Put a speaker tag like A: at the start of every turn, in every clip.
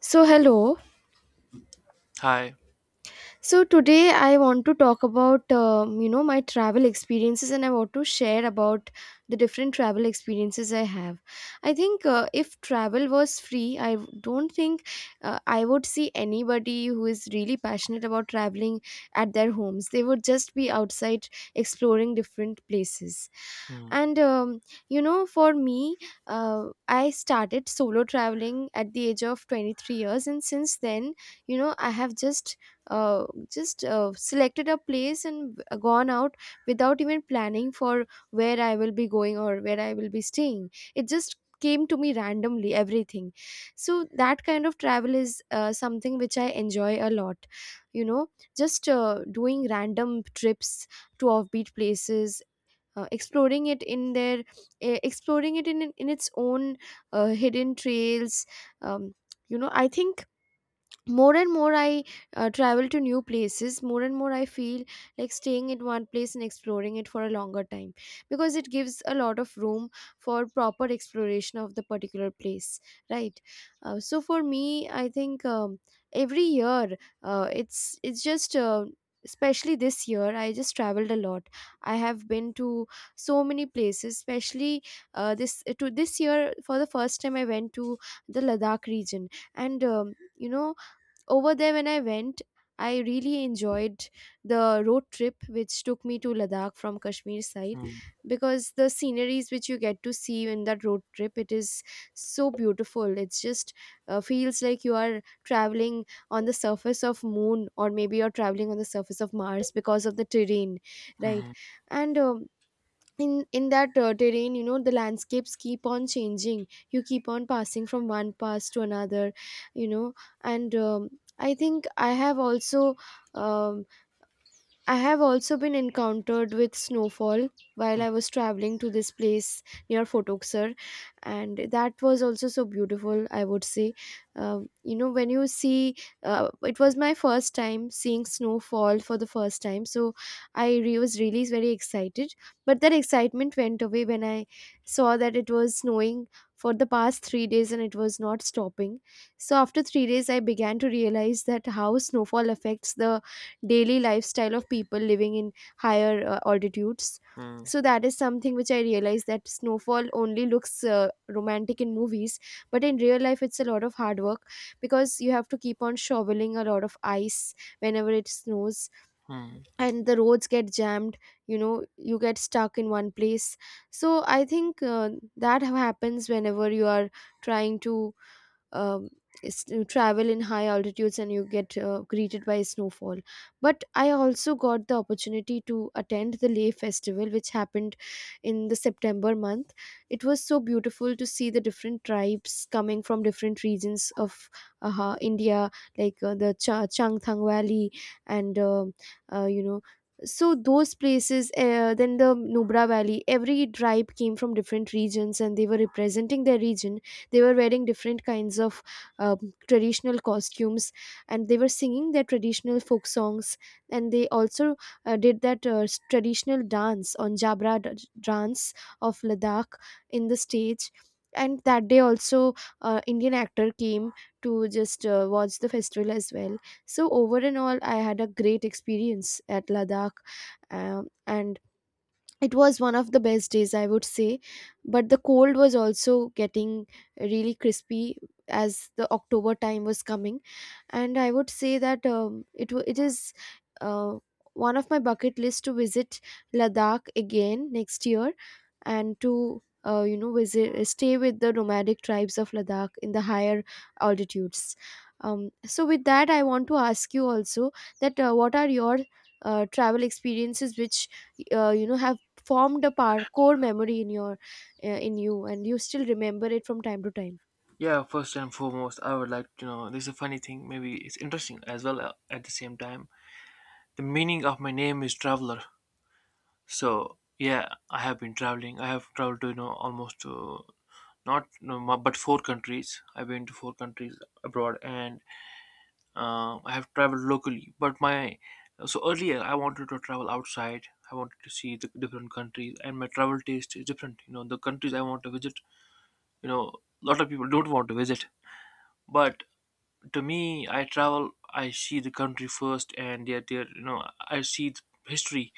A: So, hello.
B: Hi.
A: So today I want to talk about my travel experiences, and I want to share about the different travel experiences I have. I think if travel was free, don't think I would see anybody who is really passionate about traveling at their homes. They would just be outside exploring different places.
B: Hmm.
A: And um, for me, I started solo traveling at the age of 23 years, and since then, I have uh, just selected a place and gone out without even planning for where I will be going or where I will be staying. It just came to me randomly, everything. So that kind of travel is something which I enjoy a lot. You know, just doing random trips to offbeat places. Uh, exploring it in their Exploring it in its own hidden trails. um, I think more and more I travel to new places, more and more I feel like staying in one place and exploring it for a longer time, because it gives a lot of room for proper exploration of the particular place, right. So for me, I think, every year it's just especially this year I just traveled a lot. I have been to so many places. Especially this year, for the first time, I went to the ladakh region. And you know over there, when I went, I really enjoyed the road trip which took me to Ladakh from Kashmir side,
B: Hmm.
A: because the sceneries which you get to see in that road trip, it is so beautiful. It's just feels like you are traveling on the surface of moon, or maybe you're traveling on the surface of Mars, because of the terrain, right.
B: Mhm.
A: and In that terrain, you know, the landscapes keep on changing, you keep on passing from one pass to another, you know. And I think I have also um, I have also been encountered with snowfall while
B: Hmm.
A: I was traveling to this place near Fort Oxer, and that was also so beautiful, I would say. Um, you know, when you see, it was my first time seeing snowfall for the first time, so was really very excited. But that excitement went away when I saw that it was snowing for the past 3 days and it was not stopping. So after 3 days, I began to realize that how snowfall affects the daily lifestyle of people living in higher altitudes.
B: Hmm.
A: So that is something which I realized, that snowfall only looks romantic in movies, but in real life it's a lot of hard work, because you have to keep on shoveling a lot of ice whenever it snows,
B: Mm.
A: and the roads get jammed, you know, you get stuck in one place. So I think that happens whenever you are trying to um, travel in high altitudes and you get greeted by snowfall. But I also got the opportunity to attend the Leh Festival, which happened in the September month. It was so beautiful to see the different tribes coming from different regions of India, like Changthang Valley and you know. So those places, then the Nubra Valley, every tribe came from different regions and they were representing their region. They were wearing different kinds of traditional costumes, and they were singing their traditional folk songs, and they also did that traditional dance, on jabra dance of ladakh in the stage. And that day also indian actor came to just watch the festival as well. So over and all, I had a great experience at ladakh, and it was one of the best days, I would say. But the cold was also getting really crispy as the october time was coming. And I would say that, it is uh, one of my bucket list to visit ladakh again next year, and to visit, stay with the nomadic tribes of ladakh in the higher altitudes. So with that, I want to ask you also, that what are your travel experiences which have formed a core memory in your in you, and you still remember it from time to time.
B: Yeah, first and foremost, I would like to know, this is a funny thing, maybe it's interesting as well, at the same time. The meaning of my name is traveler. So, yeah, I have been traveling. I have traveled to, you know, almost to not no, mu- but four countries. I've been to four countries abroad and I have traveled locally. But my, so earlier I wanted to travel outside. I wanted to see the different countries, and my travel taste is different. You know, the countries I want to visit, you know, a lot of people don't want to visit, but to me, I travel, I see the country first and their you know, I see the history.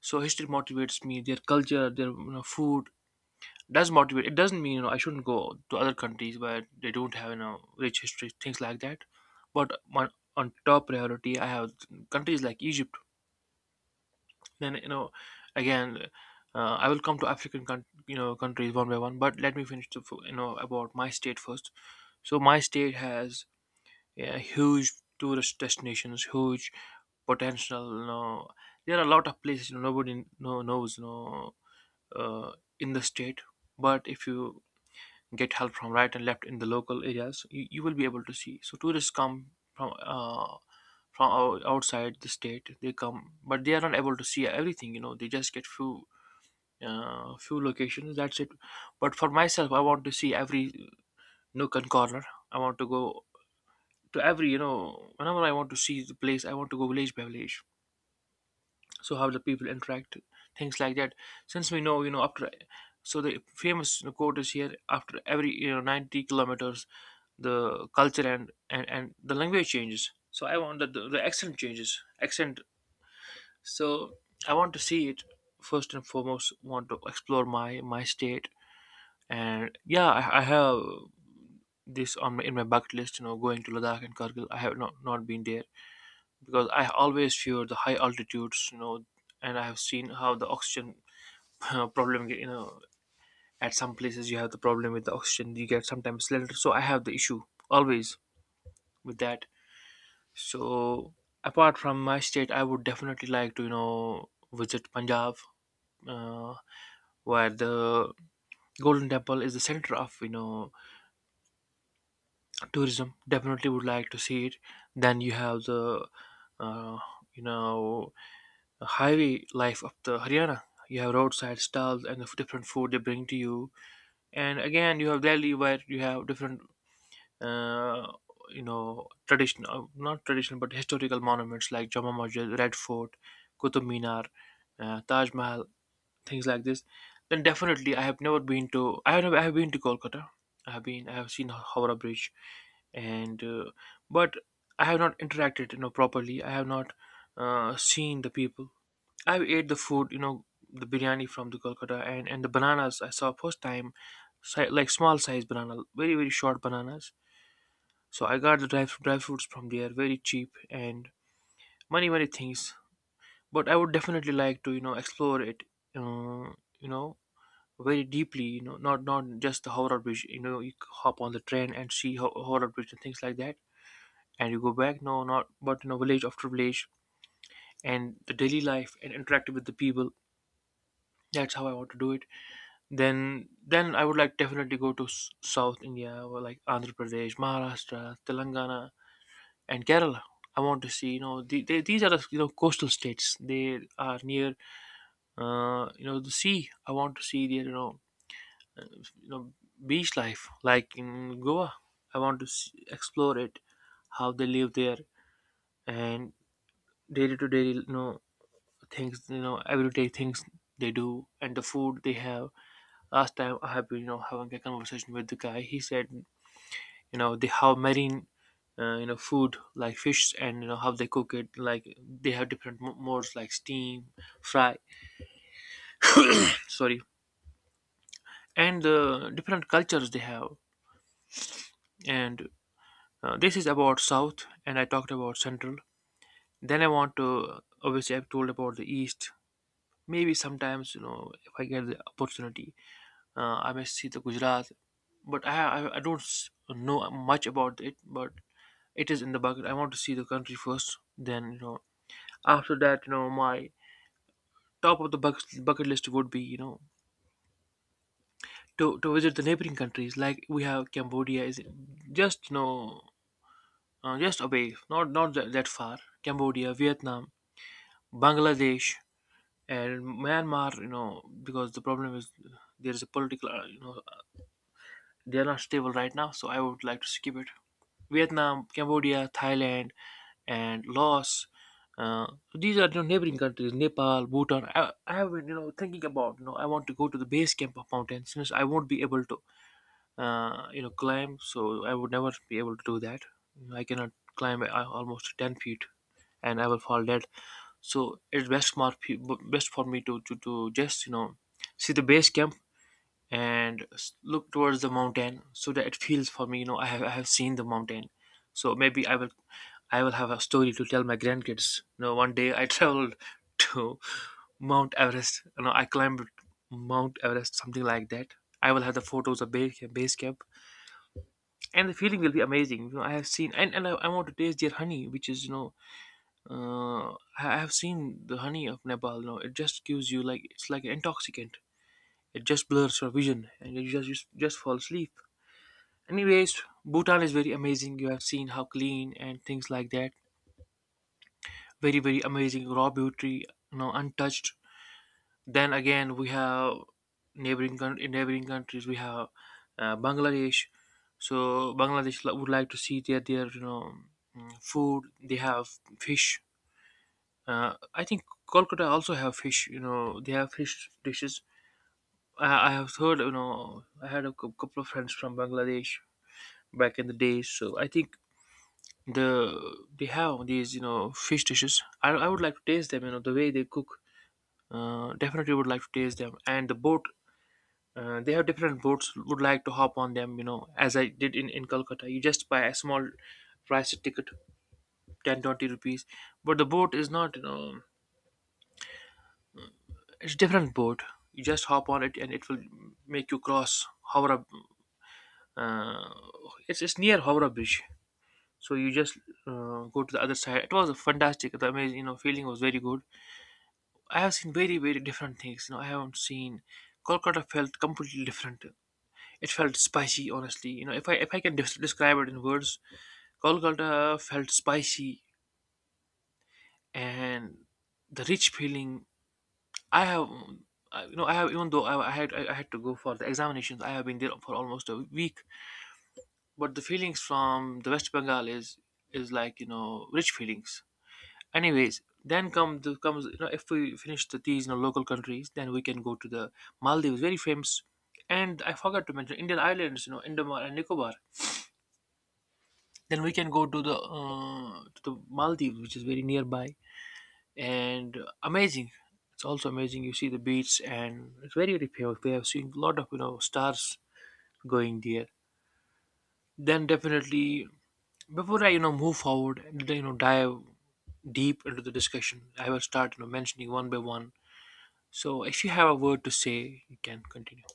B: So history motivates me, their culture, their, you know, food. Does motivate, it doesn't mean, you know, I shouldn't go to other countries where they don't have, you know, rich history, things like that. But on, on top priority, I have countries like Egypt, then, you know, again, I will come to you know, countries one by one, but let me finish you know, about my state first. So my state has, yeah, huge tourist destinations, huge potential. You know, there are a lot of places, you know, knows. You know, uh, in the state, but if you get help from right and left in the local areas, you will be able to see. So tourists come from outside the state. They come, but they are not able to see everything. You know, they just get few. Few locations, that's it. But for myself, I want to see every nook and corner. I want to go to every, you know, whenever I want to see the place, I want to go village by village, so how the people interact, things like that. Since we know, you know, after, so the famous, you know, quote is here: after every, you know, 90 kilometers, the culture and the language changes. So I want that the accent changes, accent. So I want to see it. First and foremost, want to explore my state. And yeah, I have this on in my bucket list, you know, going to Ladakh and Kargil. I have not been there because I always fear the high altitudes, you know. And I have seen how the oxygen problem, you know, at some places you have the problem with the oxygen, you get sometimes little. So I have the issue always with that. So apart from my state, I would definitely like to, you know, visit Punjab, uh, where the Golden Temple is the center of, you know, tourism. Definitely would like to see it. Then you have uh, you know, the highway life of the Haryana. You have roadside stalls and different food they bring to you. And again, you have Delhi, where you have different, uh, you know, traditional, not traditional, but historical monuments like Jama Masjid, Red Fort, Qutub Minar, Taj Mahal, things like this. Then definitely, I have never, I have been to Kolkata. I have been. I have seen Howrah Bridge, and but I have not interacted, you know, properly. I have not seen the people. I ate the food, you know, the biryani from the Kolkata, and the bananas I saw first time, like small size banana, very very short bananas. So I got the dry fruits from there, very cheap, and many many things. But I would definitely like to, you know, explore it, uh, you know, very deeply. You know, not not just the Howrah Bridge. You know, hop on the train and see Howrah Bridge and things like that, and you go back. No, not, but you know, village after village, and the daily life, and interact with the people. That's how I want to do it. Then I would like definitely go to south India, or like Andhra Pradesh, Maharashtra, Telangana, and Kerala. I want to see, you know, these are the, you know, coastal states. They are near you know, the sea. I want to see their, you know, you know, beach life, like in Goa. I want to see, explore it, how they live there, and day to day, you know, things, you know, everyday things they do, and the food they have. Last time I have been, you know, having a conversation with the guy, he said, you know, they have marine, you know, food like fish, and you know how they cook it, like they have different modes, like steam, fry, sorry, and the different cultures they have. And this is about south, and I talked about central. Then I want to, obviously I've told about the east. Maybe sometimes, you know, if I get the opportunity, I may see the Gujarat. But I don't know much about it, but it is in the bucket. I want to see the country first, then you know. After that, you know, my top of bucket list would be, you know, to visit the neighboring countries, like we have, Cambodia is just, you know, just away, not that far. Cambodia, Vietnam, Bangladesh, and Myanmar, you know, because the problem is there is a political, you know, they are not stable right now, so I would like to skip it. Vietnam, Cambodia, Thailand, and Laos. Uh, so these are, you know, neighboring countries, Nepal, Bhutan. I have been, you know, thinking about, you know, I want to go to the base camp of mountains, since I won't be able to, you know, climb. So I would never be able to do that. You know, I cannot climb, almost 10 feet, and I will fall dead. So it's best for me to, to just, you know, see the base camp, and look towards the mountain, so that it feels for me, you know, I have seen the mountain. So maybe I will have a story to tell my grandkids, you know, one day I traveled to Mount Everest, you know, I climbed Mount Everest, something like that. I will have the photos of base camp, and the feeling will be amazing. You know, I have seen, and I want to taste their honey, which is, you know, uh, I have seen the honey of Nepal. You know, it just gives you like, it's like an intoxicant. It just blurs your vision, and you just fall asleep. Anyways, Bhutan is very amazing. You have seen how clean, and things like that. Very, very amazing raw beauty, you know, untouched. Then again, we have in neighboring countries, we have Bangladesh. So Bangladesh, would like to see their you know, mm, food. They have fish. I think Kolkata also have fish. You know, they have fish dishes. I have heard. You know, I had a couple of friends from Bangladesh back in the days. So I think they have these, you know, fish dishes. I would like to taste them, you know, the way they cook. Definitely would like to taste them. And the boat, they have different boats, would like to hop on them, you know, as I did in Calcutta. You just buy a small price ticket, 10 20 rupees, but the boat is not, you know, it's different boat. You just hop on it, and it will make you cross Howrah. uh, it's near Howrah bridge. So you just go to the other side. It was fantastic, the amazing, you know, feeling was very good. I have seen very, very different things. You know, I haven't seen, Kolkata felt completely different. It felt spicy, honestly. You know, if I can describe it in words, Kolkata felt spicy, and the rich feeling. I have, you know, I have, even though I had I had to go for the examinations. I have been there for almost a week, but the feelings from the West Bengal is like, you know, rich feelings. Anyways, then comes, you know, if we finish these, you know, local countries, then we can go to the Maldives, very famous. And I forgot to mention Indian islands, you know, Indomar and Nicobar. Then we can go to the Maldives, which is very nearby and amazing. It's also amazing. You see the beach, and it's very very famous. We have seen a lot of stars going there. Then definitely before I move forward and dive deep into the discussion, I will start mentioning one by one. So if you have a word to say, you can continue.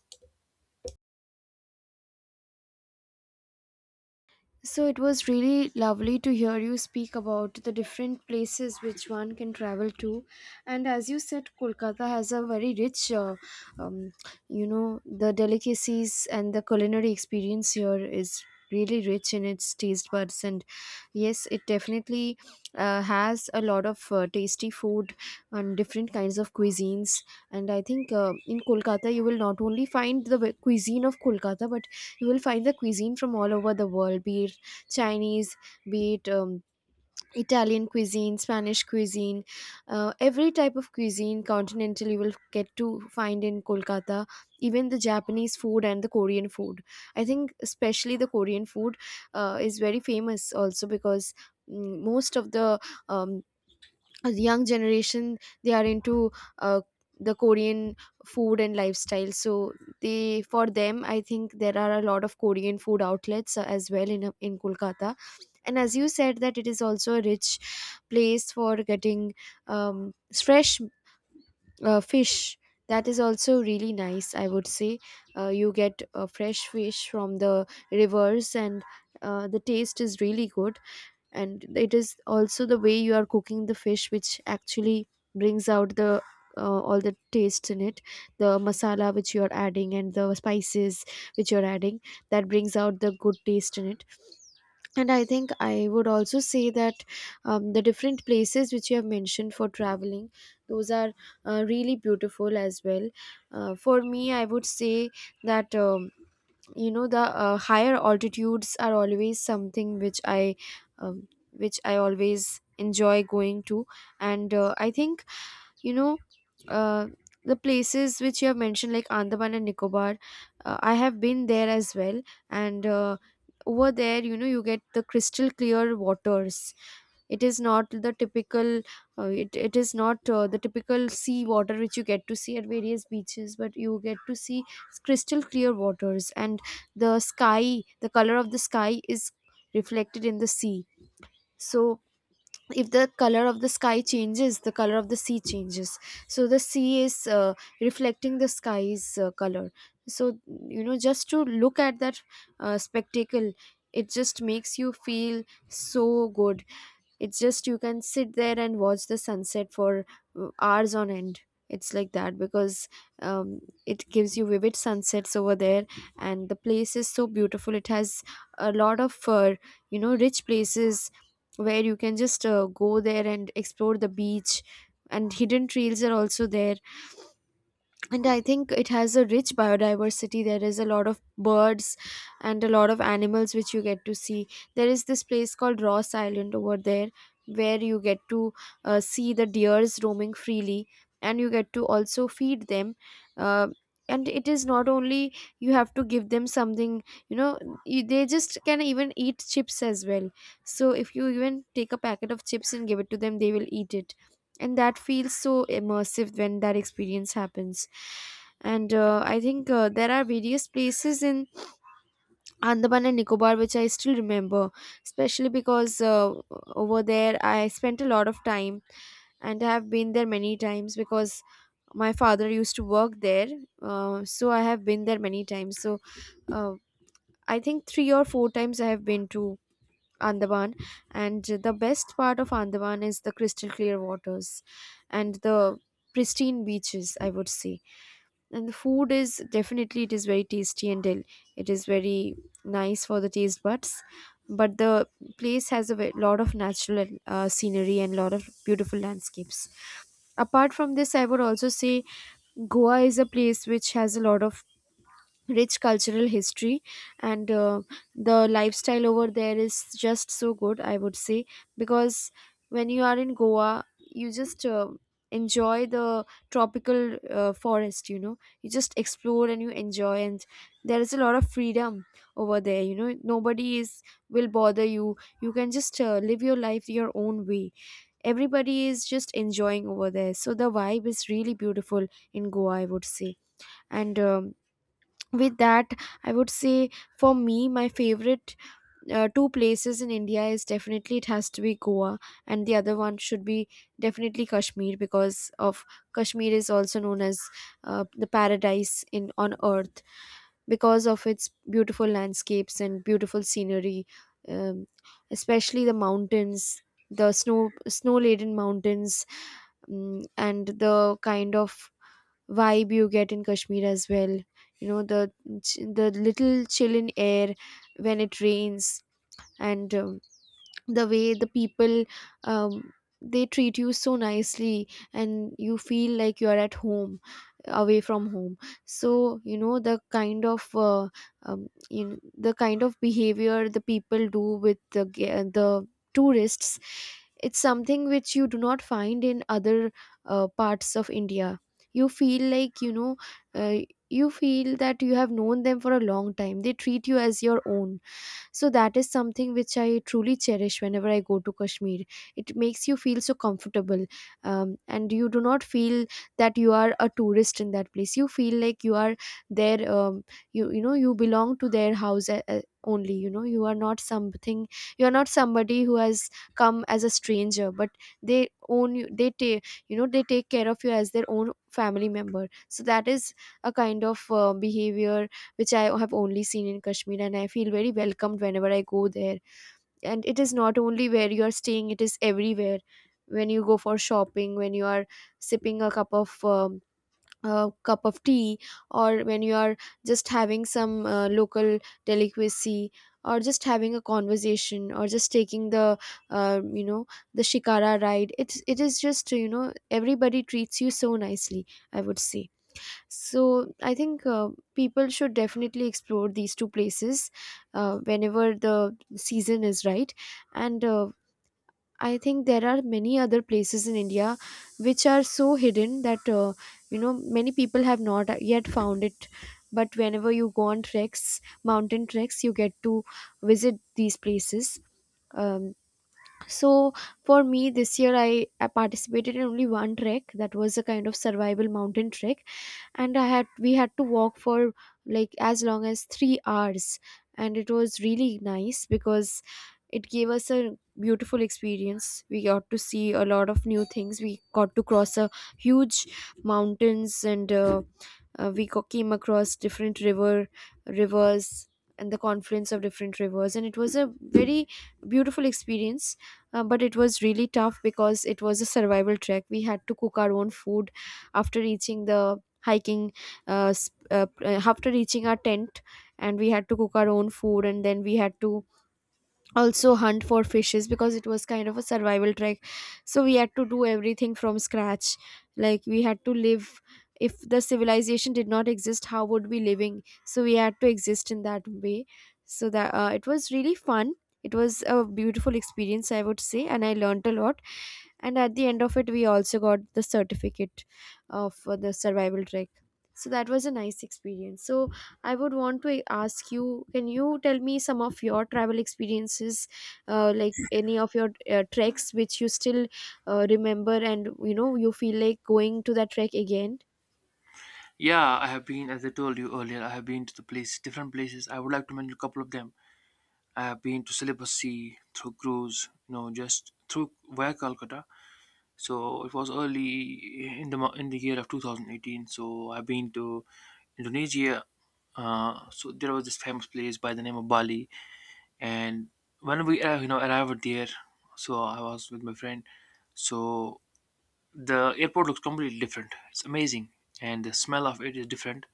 A: So it was really lovely to hear you speak about the different places which one can travel to. And as you said, Kolkata has a very rich, um, the delicacies and the culinary experience here is really rich in its taste buds. And yes, it definitely has a lot of tasty food and different kinds of cuisines. And I think, in Kolkata you will not only find the cuisine of Kolkata, but you will find the cuisine from all over the world, be Chinese, be it Italian cuisine, Spanish cuisine, every type of cuisine continental you will get to find in Kolkata, even the Japanese food and the Korean food. I think especially the Korean food is very famous, also because most of the um, young generation, they are into uh, the Korean food and lifestyle. So they, for them, I think there are a lot of Korean food outlets as well in Kolkata. And as you said, that it is also a rich place for getting fresh fish, that is also really nice, I would say. You get fresh fish from the rivers, and the taste is really good. And it is also the way you are cooking the fish which actually brings out the all the tastes in it. The masala which you are adding and the spices which you are adding, that brings out the good taste in it. And I think I would also say that the different places which you have mentioned for traveling, those are really beautiful as well. For me, I would say that, the higher altitudes are always something which which I always enjoy going to. And I think, you know uh, the places which you have mentioned, like andaman and nicobar, I have been there as well. And over there, you know, you get the crystal clear waters. It is not the typical it is not the typical sea water which you get to see at various beaches, but you get to see crystal clear waters. And the sky, the color of the sky is reflected in the sea. So if the color of the sky changes, the color of the sea changes. So the sea is reflecting the sky's color. So, you know, just to look at that spectacle, it just makes you feel so good. It's just, you can sit there and watch the sunset for hours on end. It's like that, because um, it gives you vivid sunsets over there. And the place is so beautiful. It has a lot of rich places where you can just go there and explore the beach, and hidden trails are also there. And I think it has a rich biodiversity. There is a lot of birds and a lot of animals which you get to see. There is this place called Ross Island over there, where you get to see the deers roaming freely, and you get to also feed them. uh, and it is not only you have to give them something, you know, they just can even eat chips as well. So if you even take a packet of chips and give it to them, they will eat it. And that feels so immersive when that experience happens. And I think there are various places in andaman and nicobar which I still remember, especially because over there I spent a lot of time, and I have been there many times because my father used to work there. So I have been there many times. So uh, I think 3 or 4 times I have been to Andaman. And the best part of Andaman is the crystal clear waters and the pristine beaches, I would say. And the food is definitely, it is very nice for the taste buds. But the place has a lot of natural scenery and lot of beautiful landscapes. Apart from this, I would also say Goa is a place which has a lot of rich cultural history, and the lifestyle over there is just so good, I would say. Because when you are in Goa you just enjoy the tropical forest, you just explore and you enjoy, and there is a lot of freedom over there. You know, nobody is will bother you. You can just live your life your own way. Everybody is just enjoying over there, so the vibe is really beautiful in Goa, I would say. And with that, I would say for me, my favorite two places in India, is definitely, it has to be Goa, and the other one should be definitely Kashmir. Because of, Kashmir is also known as the paradise in on earth, because of its beautiful landscapes and beautiful scenery. um, Especially the mountains, the snow laden mountains, and the kind of vibe you get in Kashmir as well. You know, the little chill in air when it rains. And the way the people, um, they treat you so nicely, and you feel like you're at home away from home. So you know, the kind of the kind of behavior the people do with the the tourists, it's something which you do not find in other parts of India. You feel like, uh, you feel that you have known them for a long time, they treat you as your own. So that is something which I truly cherish whenever I go to Kashmir. It makes you feel so comfortable, and you do not feel that you are a tourist in that place. You feel like you are there. You know you belong to their house. Only, you know, you are not something, you are not somebody who has come as a stranger, but they own you. They take, you know, they take care of you as their own family member. So that is a kind of behavior which I have only seen in Kashmir, and I feel very welcomed whenever I go there. And it is not only where you are staying, it is everywhere. When you go for shopping, when you are sipping a cup of tea, or when you are just having some local delicacy, or just having a conversation, or just taking the uh, you know the shikara ride, it is just, you know, everybody treats you so nicely, I would say. So I think people should definitely explore these two places whenever the season is right. And I think there are many other places in India which are so hidden that you know, many people have not yet found it. But whenever you go on treks, mountain treks, you get to visit these places. Um, so for me, this year I participated in only one trek. That was a kind of survival mountain trek, and I had we had to walk for like as long as 3 hours. And it was really nice because it gave us a beautiful experience. We got to see a lot of new things, we got to cross a huge mountains, and we came across different rivers and the confluence of different rivers, and it was a very beautiful experience. But it was really tough because it was a survival trek. We had to cook our own food after reaching the hiking after reaching our tent, and we had to cook our own food, and then we had to also hunt for fishes, because it was kind of a survival trek. So we had to do everything from scratch, like we had to live, if the civilization did not exist, how would we living? So we had to exist in that way. So that, it was really fun, it was a beautiful experience, I would say, and I learned a lot. And at the end of it, we also got the certificate of the survival trek. So that was a nice experience. So I would want to ask you, can you tell me some of your travel experiences? Like any of your treks which you still remember, and you know, you feel like going to that trek again?
B: Yeah, I have been, as I told you earlier, I have been to the place, different places. I would like to mention a couple of them. I have been to Celebes Sea through cruise, you know, just through via Calcutta. So it was early in the in the year of 2018. So I've been to Indonesia. So there was this famous place by the name of Bali, and when we arrived there, so I was with my friend. So the airport looks completely different. It's amazing, and the smell of it is different.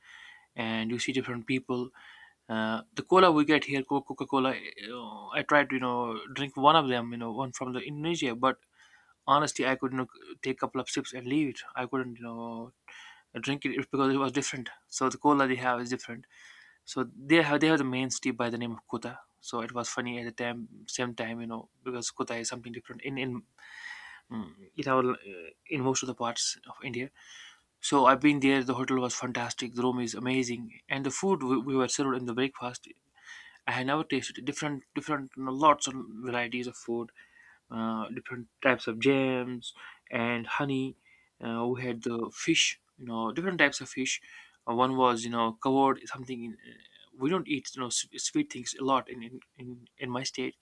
B: And you see different people. The cola we get here, Coca-Cola. You know, I tried to drink one of them, you know, one from the Indonesia, but honestly, I could you know, take a couple of sips and leave it. I couldn't drink it, it's because it was different. So the cola they have is different. So they have the main steep by the name of Kota. So it was funny at the time, same time, you know, because Kota is something different in mm, it our, in most of the parts of India, so I've been there. The hotel was fantastic. The room is amazing, and the food we were served in the breakfast. I had never tasted different, different, you know, lots of varieties of food, different types of jams and honey. We had the fish, you know, different types of fish. One was, you know, covered something. In, we don't eat, you know, sweet things a lot in my state.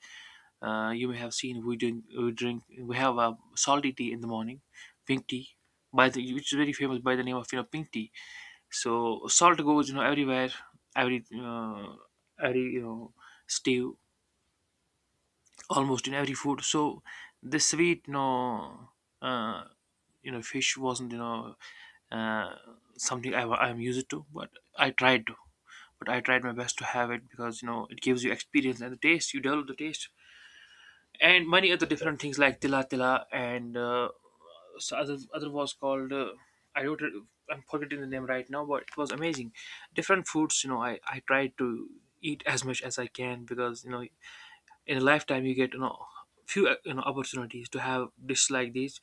B: You may have seen we drink, we drink we have a salty tea in the morning, pink tea, by the which is very famous by the name of pink tea. So salt goes you know everywhere, every uh, every you know stew, almost in every food. So this sweet uh, fish wasn't uh, something I'm used to, but I tried to. But I tried my best to have it because you know it gives you experience and the taste. You develop the taste and many other different things like Tila Tila and so other was called I don't re- I'm forgetting the name right now, but it was amazing. Different foods, you know, I tried to eat as much as I can because you know in a lifetime you get you know few you know opportunities to have dishes like these,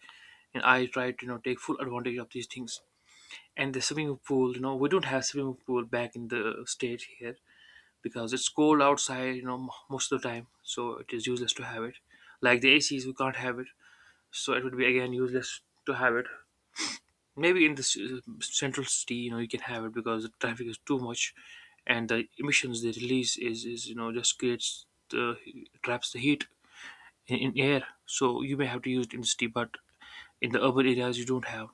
B: and I tried to take full advantage of these things. And the swimming pool, you know, we don't have swimming pool back in the state here, because it's cold outside you know most of the time, so it is useless to have it, like the acs we can't have it, so it would be again useless to have it. Maybe in this central city you know you can have it because the traffic is too much and the emissions they release is you know just creates the traps the heat in air, so you may have to use it in the city, but in the urban areas you don't have.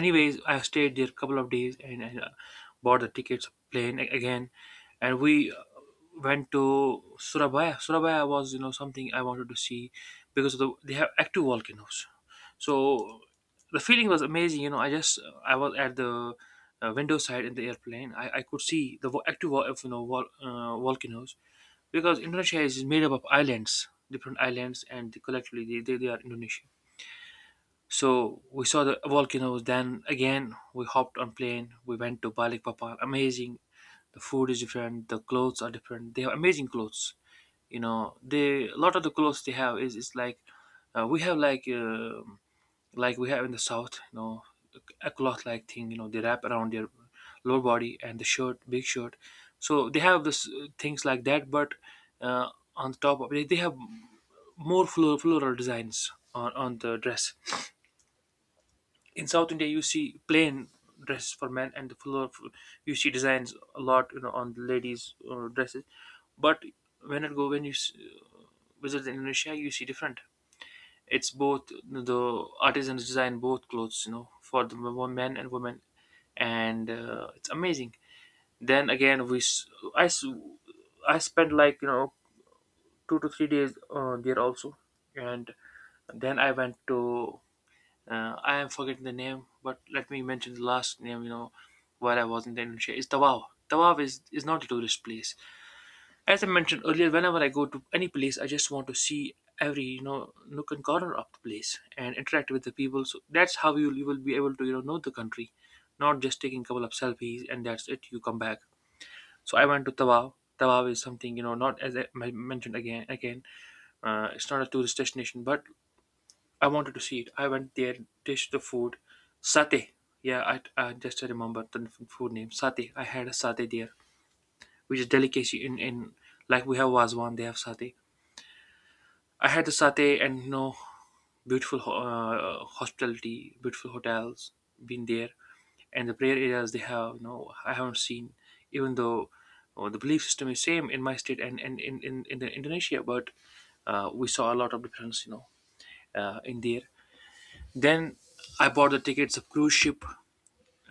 B: Anyways, I stayed there a couple of days and bought the tickets plane again, and we went to surabaya was you know something I wanted to see because of the, they have active volcanoes. So the feeling was amazing, you know, I just I was at the window side in the airplane, I could see the active volcanoes because indonesia is made up of islands, different islands, and collectively they are indonesia. So we saw the volcanoes. Then again, we hopped on plane. We went to Balikpapan. Amazing. The food is different. The clothes are different. They have amazing clothes. You know, they a lot of the clothes they have is like we have like we have in the south. You know, a cloth like thing. You know, they wrap around their lower body and the shirt, big shirt. So they have this things like that. But uh, on top of it, they have more floral designs on the dress. In South India, you see plain dresses for men, and the floor you see designs a lot, you know, on the ladies' dresses. But when it go when you visit Indonesia, you see different. It's both the artisans design both clothes, you know, for the men and women, and it's amazing. Then again, I s- I spent like you know 2 to 3 days there also, and then I went to I am forgetting the name, but let me mention the last name. You know, while I was in the Indonesia is Tawau. Tawau is not a tourist place. As I mentioned earlier, whenever I go to any place, I just want to see every you know nook and corner of the place and interact with the people. So that's how you will be able to know the country, not just taking a couple of selfies and that's it. You come back. So I went to Tawau. Tawau is something you know, not as mentioned again, it's not a tourist destination, but I wanted to see it. I went there, tasted the food, satay. Yeah, I just remember the food name satay. I had a satay there, which is delicacy in like we have waswan, they have satay. I had the satay and you know, beautiful hospitality, beautiful hotels, been there, and the prayer areas they have. You know, I haven't seen, even though the belief system is same in my state and in the Indonesia, but we saw a lot of difference, you know, in there. Then I bought the tickets of cruise ship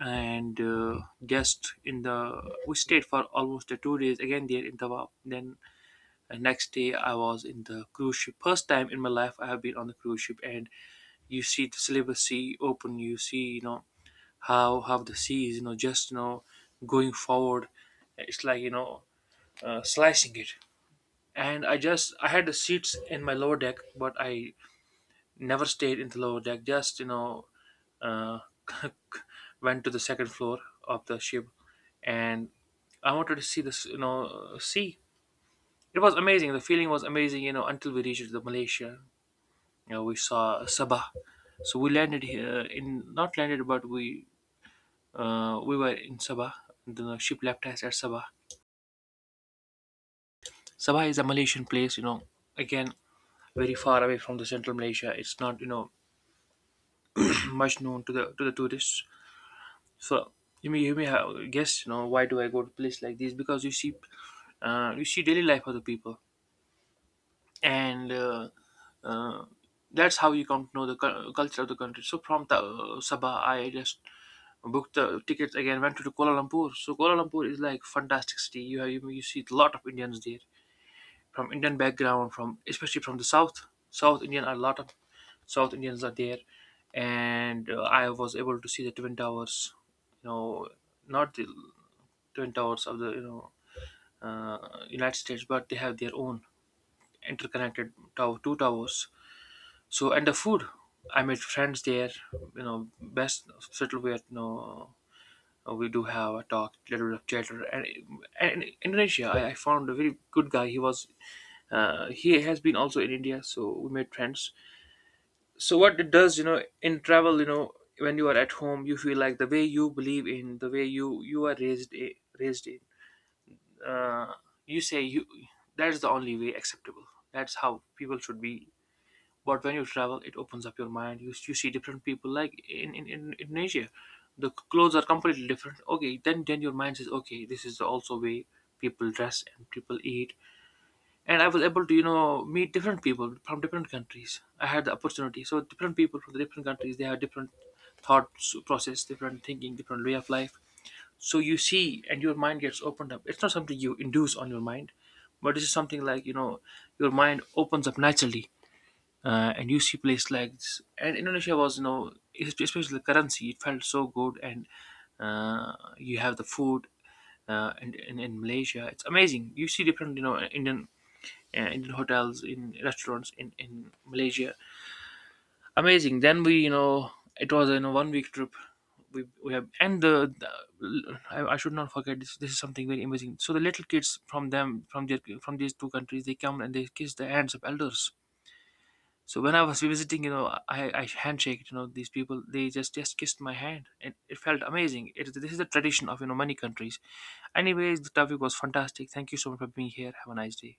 B: and just in the we stayed for almost 2 days again there in Tawab. Then and next day, I was in the cruise ship. First time in my life, I have been on the cruise ship, and you see the Celebes Sea open. You see, you know, how the sea is, you know, just you know, going forward. It's like you know, slicing it. And I had the seats in my lower deck, but I never stayed in the lower deck. Just you know, uh, went to the second floor of the ship, and I wanted to see this, you know, sea. It was amazing. The feeling was amazing, you know, until we reached the Malaysia. You know, we saw Sabah. So we landed here in not landed, but we were in Sabah. The ship left us at Sabah. Sabah is a Malaysian place, you know. Again, very far away from the central Malaysia. It's not you know much known to the tourists. So you may have guess you know why do I go to place like this, because you see daily life of the people and uh, that's how you come to know the culture of the country. So from the, Sabah, I just booked the tickets again. Went to Kuala Lumpur. So Kuala Lumpur is like fantastic city. You see a lot of Indians there from Indian background, from especially from the south. South Indian are a lot of South Indians are there, and I was able to see the Twin Towers. You know, not the Twin Towers of the you know United States, but they have their own interconnected tower, two towers. So and the food, I made friends there. You know, best settle where you know we do have a talk, little bit of chatter. And in Indonesia, I found a very good guy. He was, he has been also in India, so we made friends. So what it does, you know, in travel, you know, when you are at home, you feel like the way you believe in, the way you are raised in. Uh, you say you that is the only way acceptable. That's how people should be, but when you travel, it opens up your mind. You see different people. Like Indonesia, the clothes are completely different. Okay, then your mind says, okay, this is also way people dress and people eat. And I was able to meet different people from different countries. I had the opportunity. So different people from the different countries, they have different thoughts process, different thinking, different way of life. So you see, and your mind gets opened up. It's not something you induce on your mind, but this is something like you know your mind opens up naturally and you see places like this. And Indonesia was, you know, especially the currency, it felt so good. And you have the food and in Malaysia, it's amazing. You see different, you know, Indian Indian hotels in restaurants in Malaysia. Amazing. Then we, you know, it was you know 1 week trip. We have and the I should not forget this. This is something very amazing. So the little kids from these two countries they come and they kiss the hands of elders. So when I was visiting, you know, I handshake, you know, these people, they just kissed my hand, and it felt amazing. It, this is the tradition of you know many countries. Anyways, the topic was fantastic. Thank you so much for being here. Have a nice day.